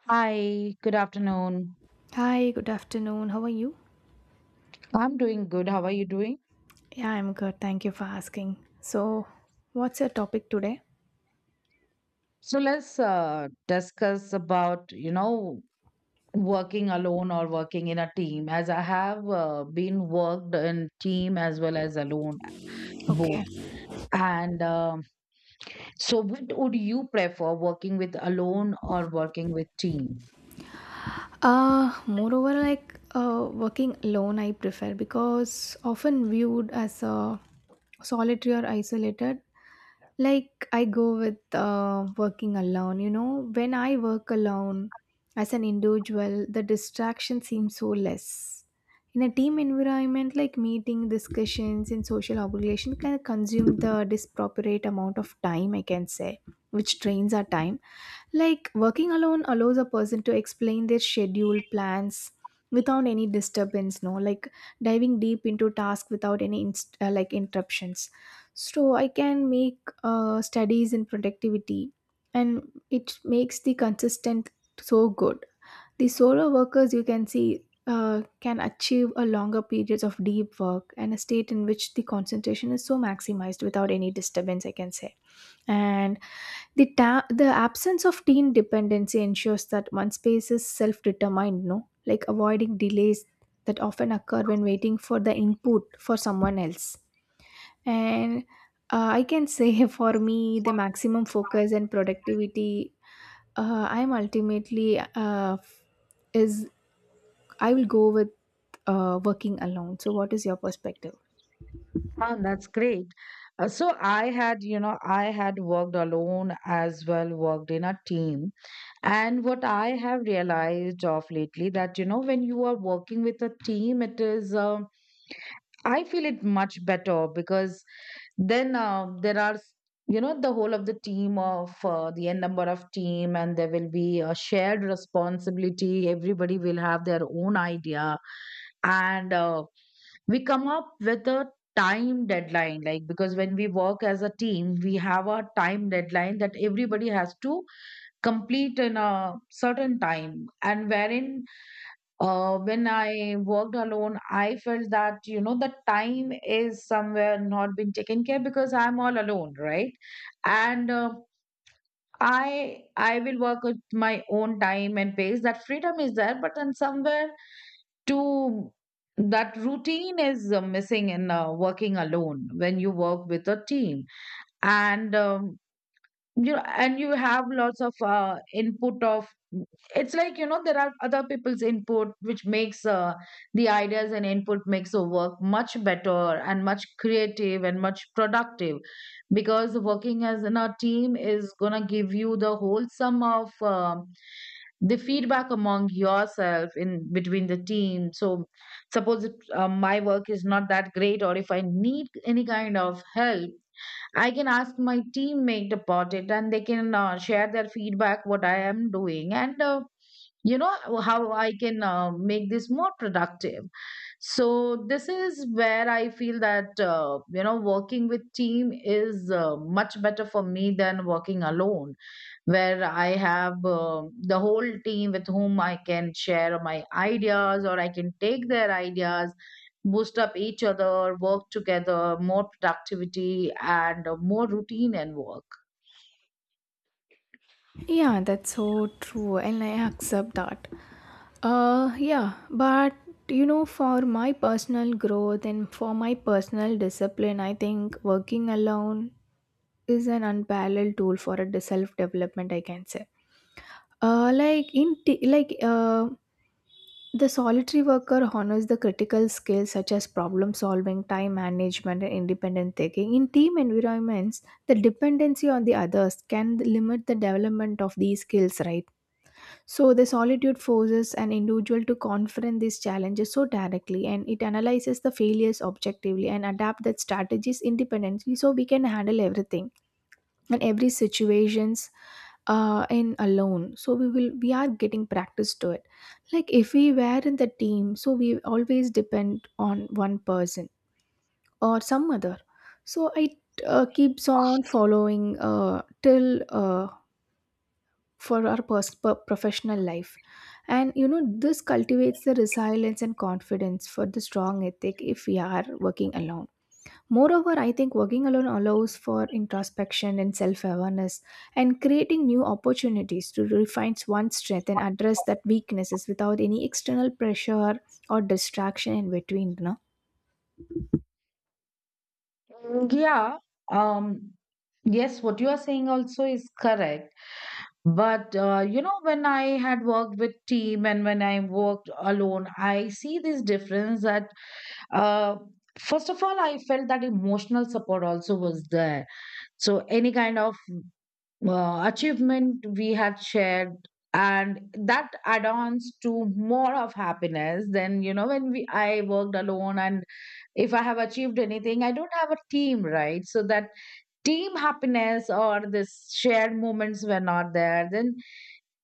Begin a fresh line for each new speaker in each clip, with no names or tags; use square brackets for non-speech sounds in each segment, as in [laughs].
Hi, good afternoon.
Hi, good afternoon. How are you?
I'm doing good. How are you doing?
Yeah, I'm good. Thank you for asking. So, what's your topic today?
So let's discuss about, you know, working alone or working in a team, as I have been worked in team as well as alone,
Okay.
both. And so what would you prefer, working with alone or working with team?
Moreover, working alone, I prefer because often viewed as a solitary or isolated, like I go with working alone. You know, when I work alone as an individual, the distraction seems so less. In a team environment, like meeting, discussions, and social obligation can consume the disproportionate amount of time, I can say, which drains our time like working alone allows a person to explain their schedule, plans without any disturbance, no, like diving deep into task without any like interruptions. So I can make studies in productivity and it makes the consistent so good. The solo workers you can see can achieve a longer periods of deep work and a state in which the concentration is so maximized without any disturbance, I can say and the absence of teen dependency ensures that one's space is self determined, no? Like avoiding delays that often occur when waiting for the input for someone else. And I can say [laughs] for me, the maximum focus and productivity I'm ultimately f- is I will go with working alone. So, what is your perspective?
Oh, that's great. So I had, you know, I had worked alone as well, worked in a team. And what I have realized of lately that, you know, when you are working with a team, it is, I feel it much better because then there are, you know, the whole of the team of the n number of team, and there will be a shared responsibility. Everybody will have their own idea. And we come up with a time deadline, like, because when we work as a team, we have a time deadline that everybody has to complete in a certain time, and wherein when I worked alone, I felt that, you know, the time is somewhere not being taken care because I'm all alone, right? And I will work at my own time and pace. That freedom is there, but then somewhere to that routine is missing in working alone. When you work with a team, and you and you have lots of input of, it's like, you know, there are other people's input, which makes the ideas and input makes the work much better and much creative and much productive, because working as in a team is gonna give you the whole sum of the feedback among yourself in between the team. So suppose if, my work is not that great, or if I need any kind of help, I can ask my teammate about it, and they can share their feedback, what I am doing, and you know how I can make this more productive. So this is where I feel that, you know, working with team is much better for me than working alone, where I have the whole team with whom I can share my ideas or I can take their ideas, boost up each other, work together, more productivity, and more routine and work.
Yeah, that's so true, and I accept that. Yeah, but you know, for my personal growth and for my personal discipline, I think working alone is an unparalleled tool for a self development, I can say. Like in t- like The solitary worker honors the critical skills such as problem solving, time management, and independent thinking. In team environments, the dependency on the others can limit the development of these skills, right? So, the solitude forces an individual to confront these challenges so directly, and it analyzes the failures objectively and adapt that strategies independently, so we can handle everything and every situations in alone. So we are getting practice to it. Like if we were in the team, so we always depend on one person or some other. So it keeps on following till. For our professional life and you know this cultivates the resilience and confidence for the strong ethic if we are working alone. Moreover, I think working alone allows for introspection and self-awareness and creating new opportunities to refine one's strength and address that weaknesses without any external pressure or distraction in between.
Mm, yeah. Um, yes, what you are saying also is correct. But you know, when I had worked with team and when I worked alone, I see this difference that, Uh, first of all, I felt that emotional support also was there. So any kind of achievement we had shared, and that add-ons to more of happiness than, you know, when we I worked alone, and if I have achieved anything, I don't have a team, right? So that team happiness or this shared moments were not there. Then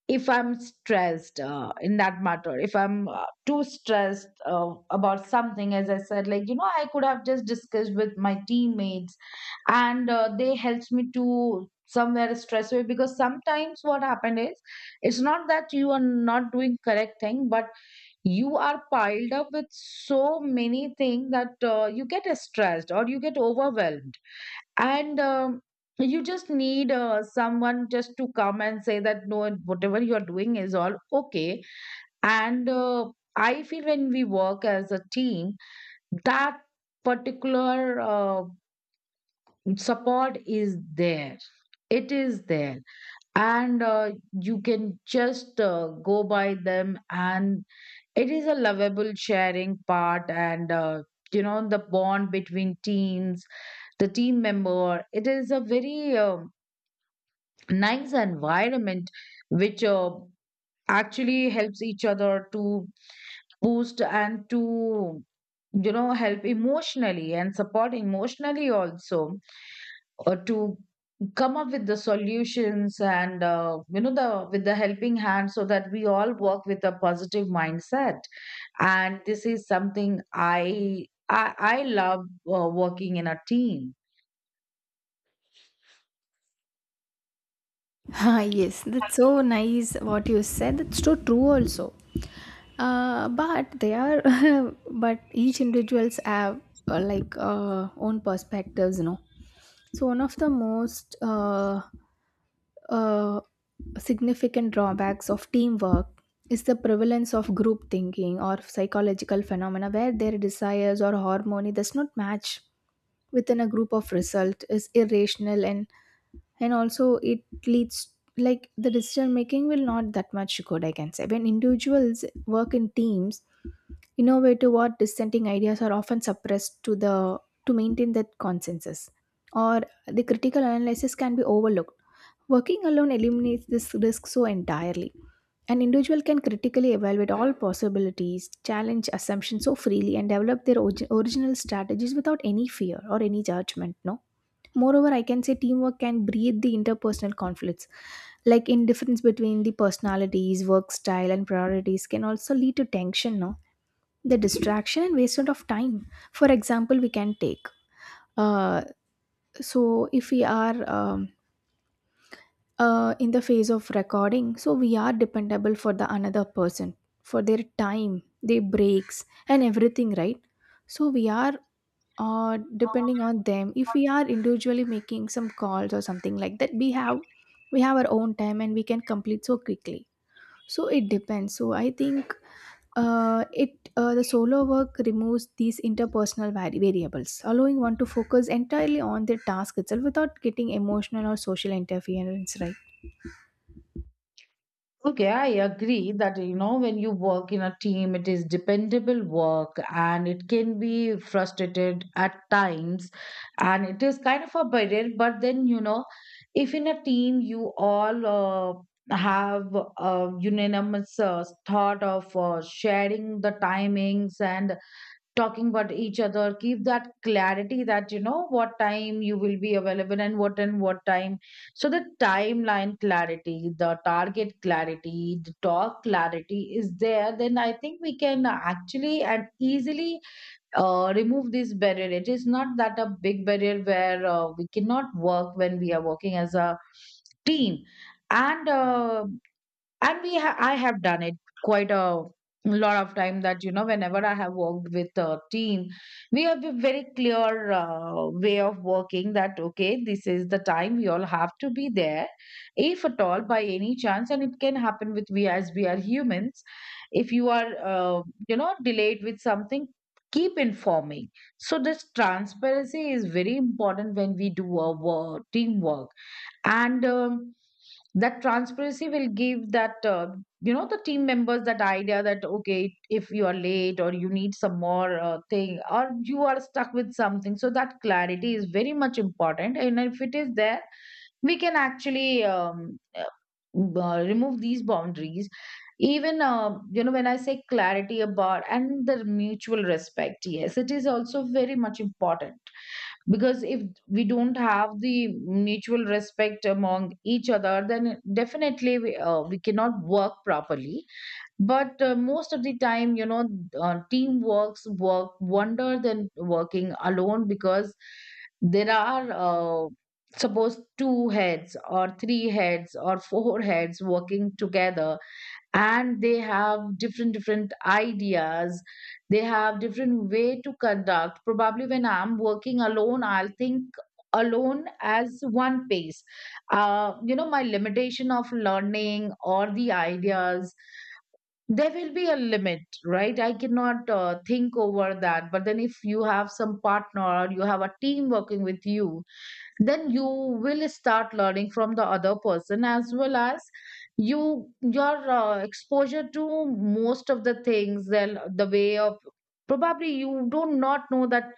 if I'm stressed, in that matter, if I'm too stressed about something, as I said, like, you know, I could have just discussed with my teammates, and they helped me to somewhere stress away, because sometimes what happened is, it's not that you are not doing correct thing, but you are piled up with so many things that you get stressed or you get overwhelmed, and you just need someone just to come and say that no, whatever you are doing is all okay. And I feel when we work as a team, that particular support is there. It is there, and you can just go by them, and it is a lovable sharing part, and the bond between teams, the team member, it is a very um, nice environment, which actually helps each other to boost and to, you know, help emotionally and support emotionally also, or to come up with the solutions, and you know the with the helping hand, so that we all work with a positive mindset. And this is something I love working in a team.
Ah, yes, that's so nice what you said. That's so true also. But they are, [laughs] but each individuals have own perspectives, you know. So one of the most uh, significant drawbacks of teamwork is the prevalence of group thinking or psychological phenomena where their desires or harmony does not match within a group of result is irrational and also it leads like the decision making will not that much good I can say when individuals work in teams. Innovative or dissenting ideas are often suppressed to the to maintain that consensus or the critical analysis can be overlooked. Working alone eliminates this risk so entirely. An individual can critically evaluate all possibilities challenge assumptions so freely and develop their original strategies without any fear or any judgment, no? Moreover, I can say teamwork can breed the interpersonal conflicts. Like indifference between the personalities, work style, and priorities can also lead to tension, no? The distraction and wasted of time. For example, we can take. Uh, so, if we are in the phase of recording, so we are dependable for the another person, for their time, their breaks, and everything, right? So, we are or depending on them if we are individually making some calls or something like that we have our own time and we can complete so quickly, so it depends. So I think it the solo work removes these interpersonal variables allowing one to focus entirely on their task itself without getting emotional or social interference, right?
Okay, I agree that, you know, when you work in a team, it is dependable work and it can be frustrated at times, and it is kind of a burden. But then, you know, if in a team you all have a unanimous thought of sharing the timings and talking about each other, keep that clarity that, you know, what time you will be available and what time. So the timeline clarity, the target clarity, the talk clarity is there, then I think we can actually and easily remove this barrier. It is not that a big barrier where we cannot work when we are working as a team. And uh, and we ha- i have done it quite a lot of time that, you know, whenever I have worked with a team, we have a very clear way of working, that okay, this is the time we all have to be there. If at all by any chance, and it can happen with we as we are humans, if you are, uh, delayed with something, keep informing. So this transparency is very important when we do our work, teamwork. And that transparency will give that, the team members that idea, that okay, if you are late or you need some more thing, or you are stuck with something, so that clarity is very much important, and if it is there, we can actually remove these boundaries. Even, when I say clarity about and the mutual respect, yes, it is also very much important, because if we don't have the mutual respect among each other, then definitely we cannot work properly. But most of the time, you know, teamworks work wonder than working alone, because there are suppose two heads or three heads or four heads working together, and they have different different ideas, they have different way to conduct. Probably when I'm working alone, I'll think alone as one pace. You know, my limitation of learning or the ideas, there will be a limit, right? I cannot think over that. But then if you have some partner or you have a team working with you, then you will start learning from the other person, as well as you, your exposure to most of the things and the way of, probably you do not know that.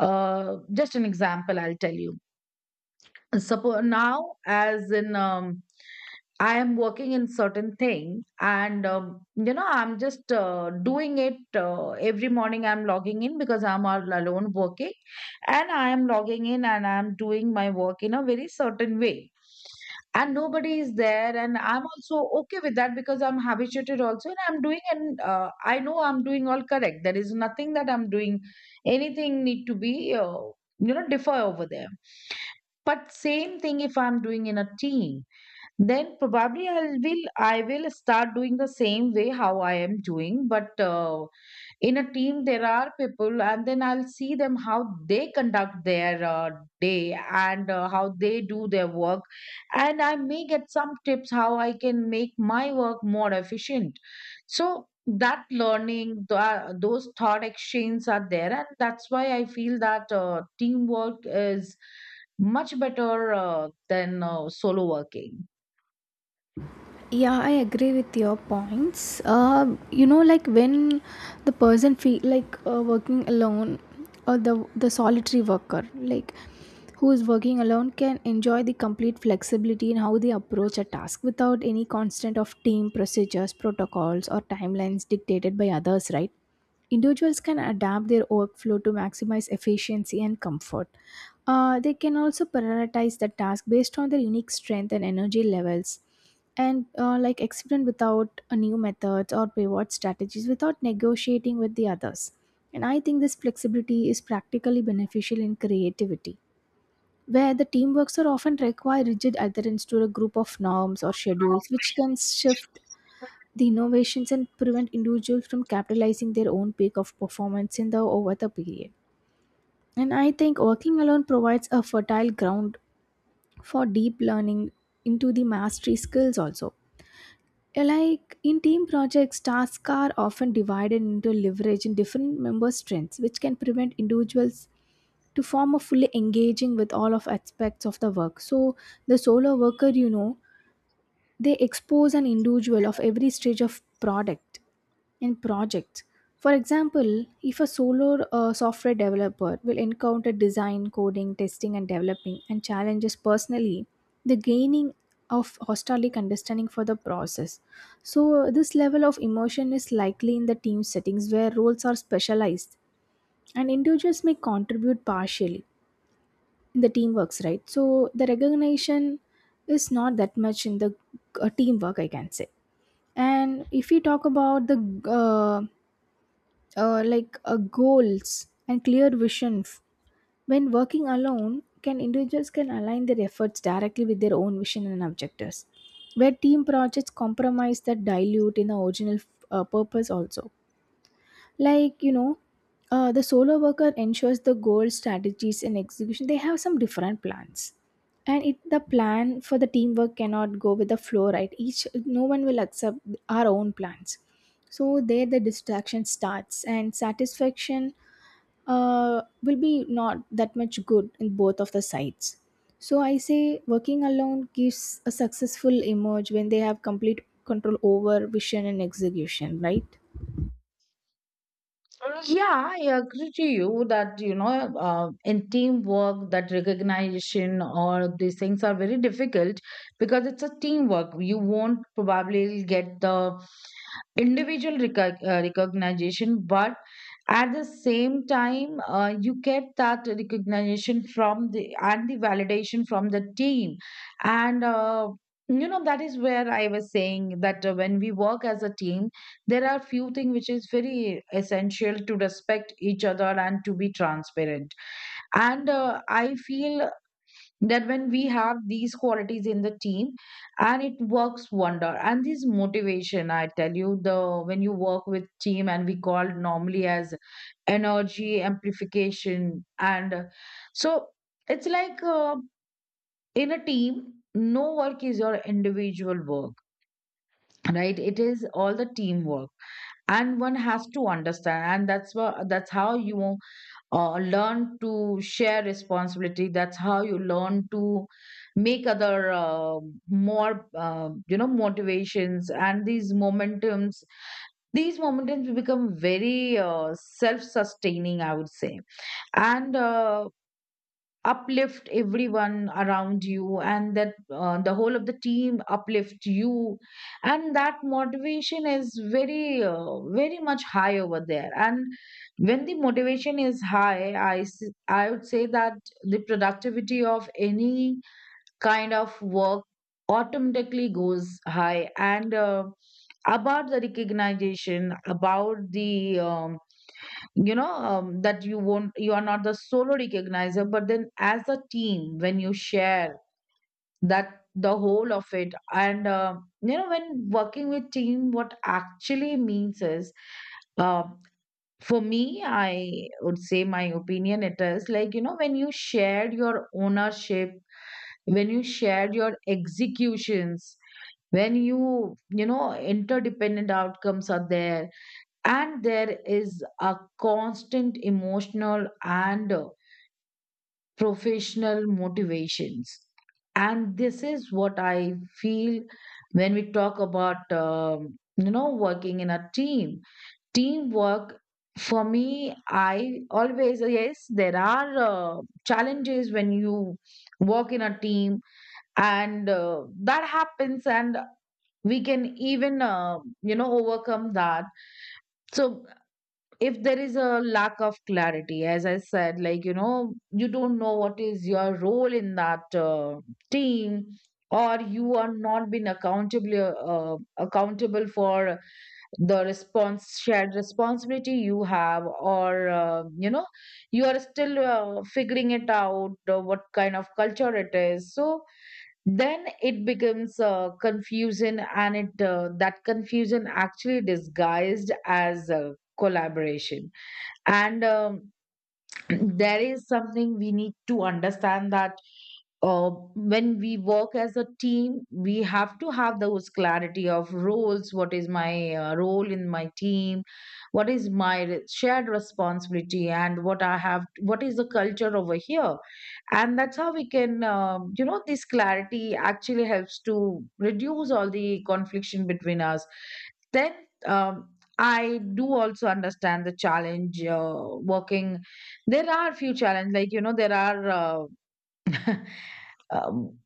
Just an example I'll tell you. Suppose now, as in I am working in certain thing, and I'm just doing it every morning. I'm logging in because I'm all alone working, and I am logging in and I'm doing my work in a very certain way, and nobody is there, and I'm also okay with that because I'm habituated also, and I'm doing, and I know I'm doing all correct. There is nothing that I'm doing anything need to be, uh, differ over there. But same thing if I'm doing in a team, then probably I will start doing the same way how I am doing, but in a team there are people, and then I'll see them how they conduct their day, and how they do their work, and I may get some tips how I can make my work more efficient. So that learning, those thought exchanges are there, and that's why I feel that teamwork is much better than solo working.
Yeah, I agree with your points. You know, like when the person feel like working alone or the solitary worker like who is working alone can enjoy the complete flexibility in how they approach a task without any constant of team procedures, protocols, or timelines dictated by others, right? Individuals can adapt their workflow to maximize efficiency and comfort. They can also prioritize the task based on their unique strength and energy levels and like experiment without a new methods or pivot strategies without negotiating with the others. And I think this flexibility is practically beneficial in creativity, where the teamworks are often require rigid adherence to a group of norms or schedules, which can shift the innovations and prevent individuals from capitalizing their own peak of performance in the over the period. And I think working alone provides a fertile ground for deep learning into the mastery skills also. Like in team projects, tasks are often divided into leverage in different member strengths, which can prevent individuals to form a fully engaging with all of aspects of the work. So the solo worker, you know, they expose an individual of every stage of product and project. For example, if a solo software developer will encounter design, coding, testing, and developing and challenges personally, the gaining of hostilic understanding for the process. So this level of immersion is likely in the team settings where roles are specialized and individuals may contribute partially in the teamworks, right? So the recognition is not that much in the teamwork, I can say. And if we talk about the uh, goals and clear visions, when working alone, can individuals can align their efforts directly with their own vision and objectives. Where team projects compromise that dilute in the original purpose also. Like you know, the solo worker ensures the goal strategies and execution they have some different plans and it the plan for the teamwork cannot go with the flow, right? Each no one will accept our own plans. So there the distraction starts and satisfaction will be not that much good in both of the sides. So I say working alone gives a successful emerge when they have complete control over vision and execution, right?
Yeah, I agree to you that, you know, in teamwork, that recognition or these things are very difficult, because it's a teamwork. You won't probably get the individual recognition, but at the same time, you get that recognition from the and the validation from the team, and that is where I was saying that when we work as a team, there are few things which is very essential to respect each other and to be transparent, and I feel that when we have these qualities in the team and it works wonder. And this motivation, I tell you, the when you work with team, and we call it normally as energy amplification. And uh, so it's like uh, in a team no work is your individual work, right? It is all the teamwork, and one has to understand, and that's how you learn to share responsibility. That's how you learn to make other more you know, motivations. And these momentums, these momentums become very self-sustaining, I would say, and uplift everyone around you, and that the whole of the team uplift you. And that motivation is very very much high over there. And when the motivation is high, I would say that the productivity of any kind of work automatically goes high. And about the recognition, about the um, you know, that you won't, you are not the solo recognizer, but then as a team when you share that the whole of it. And you know, when working with team, what actually means is, uh, for me, I would say, my opinion, it is like, you know, when you shared your ownership, when you shared your executions, when you know, interdependent outcomes are there, and there is a constant emotional and professional motivations. And this is what I feel when we talk about you know, working in a team, teamwork. For me, I always, yes, there are challenges when you work in a team, and that happens, and we can even you know, overcome that. So if there is a lack of clarity, as I said, like, you know, you don't know what is your role in that team, or you are not being accountably uh, accountable for the response shared responsibility you have, or you know, you are still figuring it out what kind of culture it is. So then it becomes confusion, and it that confusion actually disguised as collaboration. And there is something we need to understand, that when we work as a team, we have to have those clarity of roles. What is my role in my team? What is my shared responsibility, and what I have, what is the culture over here? And that's how we can, you know, this clarity actually helps to reduce all the confliction between us. Then um, I do also understand the challenge working. There are few challenges, like, you know, there are [laughs] um,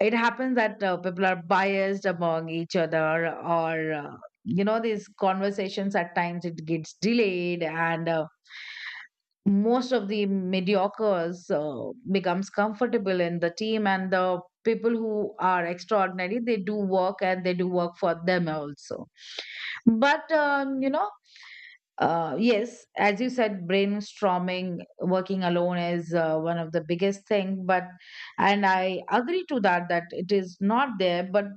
it happens that people are biased among each other, or you know, these conversations at times it gets delayed, and most of the mediocres becomes comfortable in the team, and the people who are extraordinary, they do work, and they do work for them also, but you know. Yes, as you said, brainstorming, working alone is one of the biggest thing. But and I agree to that that it is not there. But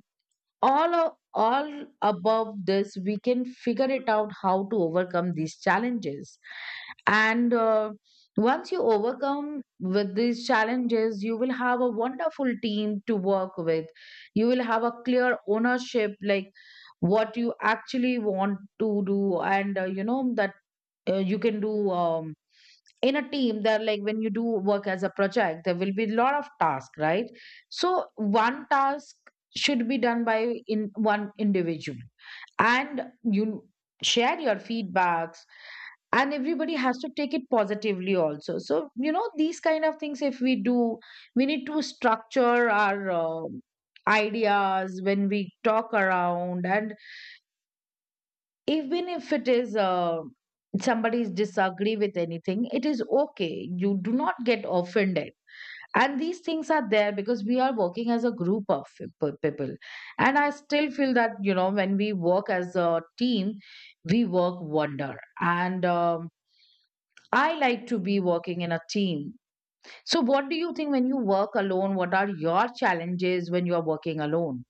all above this, we can figure it out how to overcome these challenges. And once you overcome with these challenges, you will have a wonderful team to work with. You will have a clear ownership, like what you actually want to do, and you know that you can do, in a team, that like when you do work as a project, there will be a lot of tasks, right? So one task should be done by in one individual, and you share your feedbacks, and everybody has to take it positively also. So you know, these kind of things, if we do, we need to structure our ideas when we talk around. And even if it is somebody's disagree with anything, it is okay, you do not get offended. And these things are there because we are working as a group of people. And I still feel that, you know, when we work as a team, we work wonder. And I like to be working in a team. So what do you think? When you work alone, what are your challenges when you are working alone?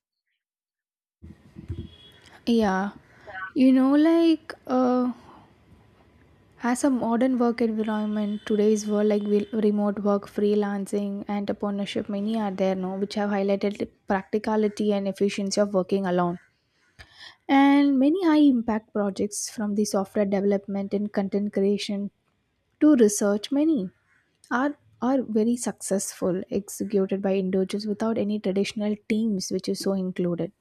Yeah. You know, like as a modern work environment, today's world, like we, remote work, freelancing, entrepreneurship, many are there now, which have highlighted the practicality and efficiency of working alone. And many high impact projects from the software development and content creation to research, many are very successful executed by individuals without any traditional teams which is so included.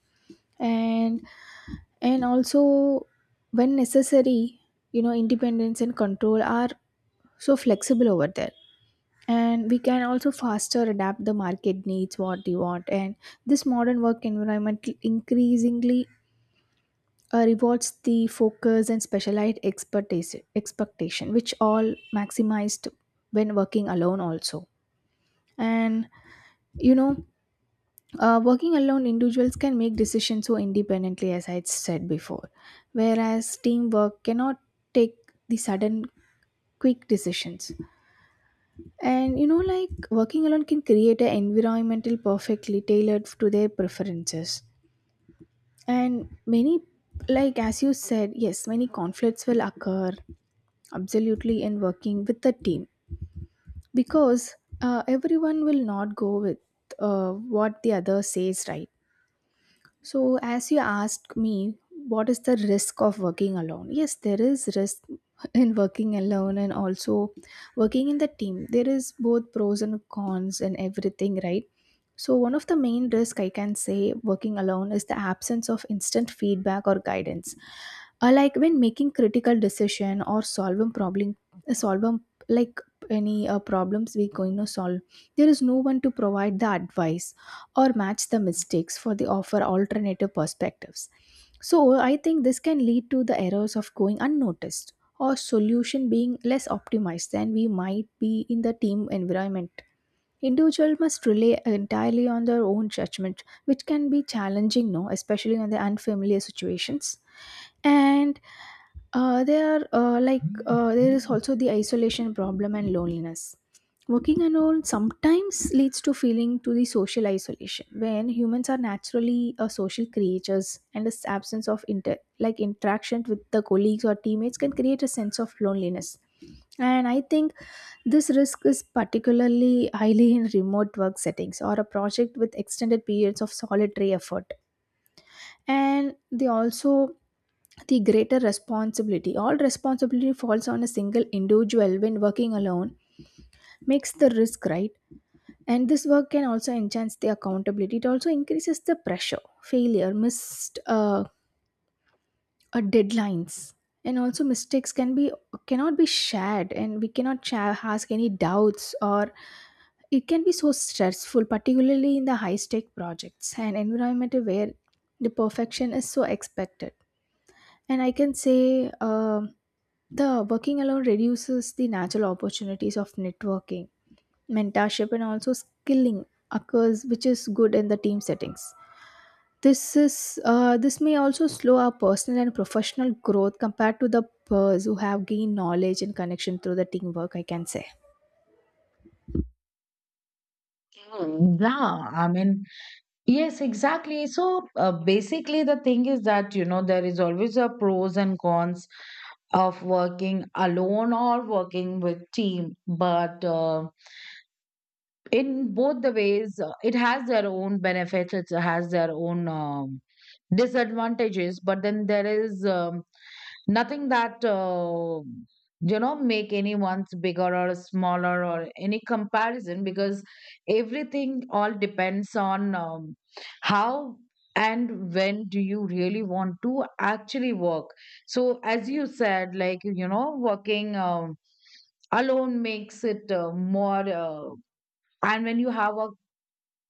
and And also, when necessary, you know, independence and control are so flexible over there. And we can also faster adapt the market needs what we want. And this modern work environment increasingly rewards the focus and specialized expertise expectation, which all maximized when working alone also. And you know, working alone individuals can make decisions so independently as I said before, whereas teamwork cannot take the sudden quick decisions. And you know, like working alone can create an environmental perfectly tailored to their preferences. And many, like as you said, yes, many conflicts will occur absolutely in working with the team because everyone will not go with what the other says, right? So, as you asked me, what is the risk of working alone? Yes, there is risk [laughs] in working alone and also working in the team. There is both pros and cons and everything, right? So, one of the main risk I can say working alone is the absence of instant feedback or guidance. Like when making critical decision or solving problem, solving like any problems we're going to solve, there is no one to provide the advice or match the mistakes for the offer alternative perspectives. So I think this can lead to the errors of going unnoticed or solution being less optimized than we might be in the team environment. Individual must rely entirely on their own judgment, which can be challenging, no, especially on the unfamiliar situations. And there are like there is also the isolation problem and loneliness. Working alone sometimes leads to feeling to the social isolation when humans are naturally a social creatures and this absence of interaction with the colleagues or teammates can create a sense of loneliness. And I think this risk is particularly highly in remote work settings or a project with extended periods of solitary effort. And they also the greater responsibility. All responsibility falls on a single individual when working alone makes the risk, right? And this work can also enhance the accountability. It also increases the pressure, failure, missed deadlines, and also mistakes can be cannot be shared, and we cannot share, ask any doubts or it can be so stressful, particularly in the high stake projects and environment where the perfection is so expected. And I can say, um, the working alone reduces the natural opportunities of networking, mentorship, and also skilling occurs which is good in the team settings. This is this may also slow our personal and professional growth compared to the peers who have gained knowledge and connection through the teamwork, I can say.
Mm, yeah, I mean. Yes, exactly. So basically, the thing is that, you know, there is always a pros and cons of working alone or working with team. But in both the ways, it has their own benefits. It has their own disadvantages, but then there is, nothing that you know, make anyone's bigger or smaller or any comparison, because everything all depends on how and when do you really want to actually work. So as you said, like, you know, working alone makes it more and when you have a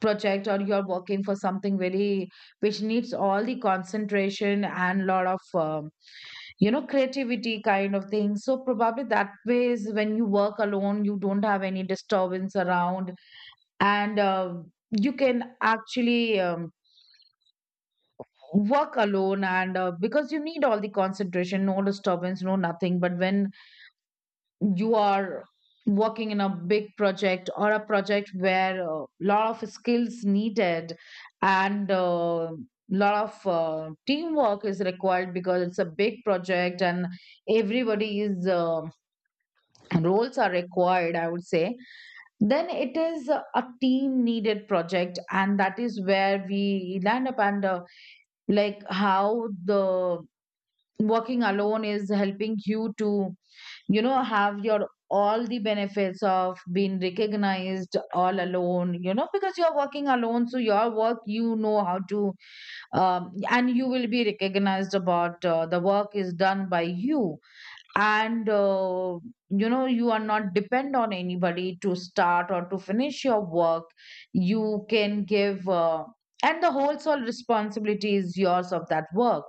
project or you're working for something very which needs all the concentration and lot of you know, creativity kind of thing. So probably that way is when you work alone, you don't have any disturbance around, and you can actually, work alone, and because you need all the concentration, no disturbance, no nothing. But when you are working in a big project, or a project where a lot of skills needed, and a lot of teamwork is required, because it's a big project, and everybody's roles are required, I would say, then it is a team needed project. And that is where we land up. And like how the working alone is helping you to, you know, have your all the benefits of being recognized all alone, you know, because you're working alone, so your work, you know how to, and you will be recognized about the work is done by you, and you know, you are not depend on anybody to start or to finish your work. You can give and the whole sole responsibility is yours of that work.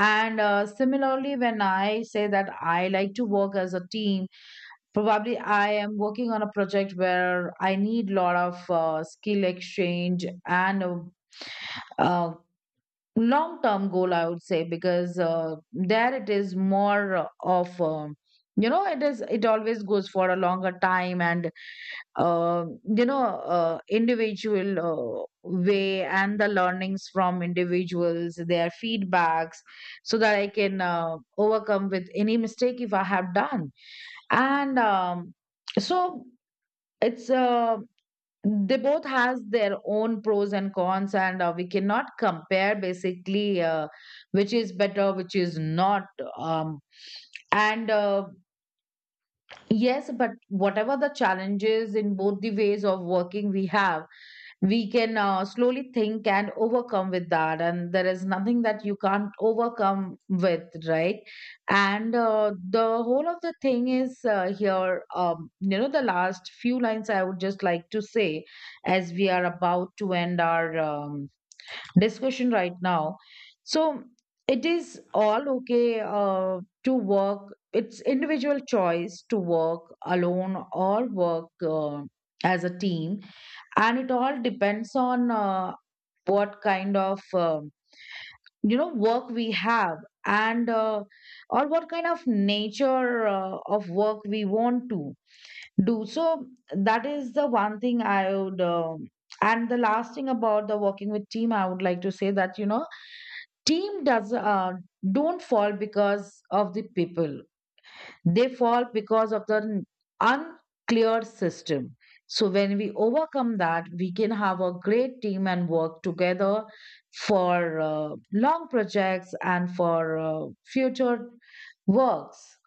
And similarly, when I say that I like to work as a team, probably I am working on a project where I need lot of skill exchange and uh, long term goal, I would say, because there it is more of you know, it is, it always goes for a longer time, and uh, you know, individual way, and the learnings from individuals, their feedbacks, so that I can overcome with any mistake if I have done. And um, so it's uh, they both has their own pros and cons, and we cannot compare basically which is better, which is not. Um, and Yes, but whatever the challenges in both the ways of working we have, we can slowly think and overcome with that, and there is nothing that you can't overcome with, right? And the whole of the thing is here, you know, the last few lines I would just like to say, as we are about to end our discussion right now. So it is all okay to work. It's individual choice to work alone or work as a team, and it all depends on what kind of um you know work we have, and or what kind of nature of work we want to do. So that is the one thing I would um. And the last thing about the working with team, I would like to say that, you know, team does don't fall because of the people, they fall because of the unclear system. So when we overcome that, we can have a great team and work together for long projects and for future works.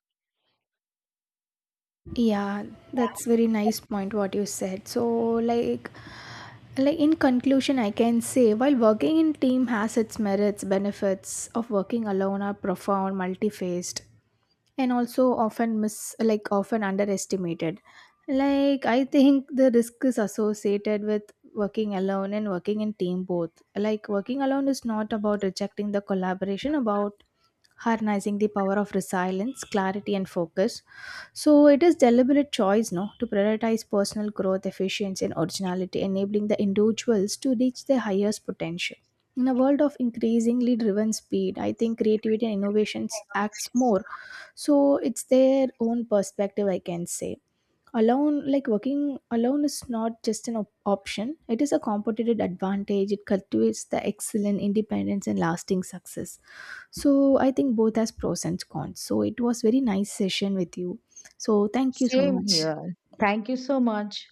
Yeah, that's very nice point what you said. So like like in conclusion I can say while working in team has its merits, benefits of working alone are profound, multi-faced and also often miss like often underestimated. Like I think the risk is associated with working alone and working in team both. Like working alone is not about rejecting the collaboration about harnessing the power of resilience, clarity, and focus. So it is deliberate choice, no, to prioritize personal growth, efficiency, and originality enabling the individuals to reach their highest potential in a world of increasingly driven speed. I think creativity and innovations acts more. So it's their own perspective, I can say. Alone, like working alone is not just an option, it is a competitive advantage. It cultivates the excellent independence and lasting success. So I think both has pros and cons. So it was very nice session with you. So thank you so
Same
much.
here. Thank you so much.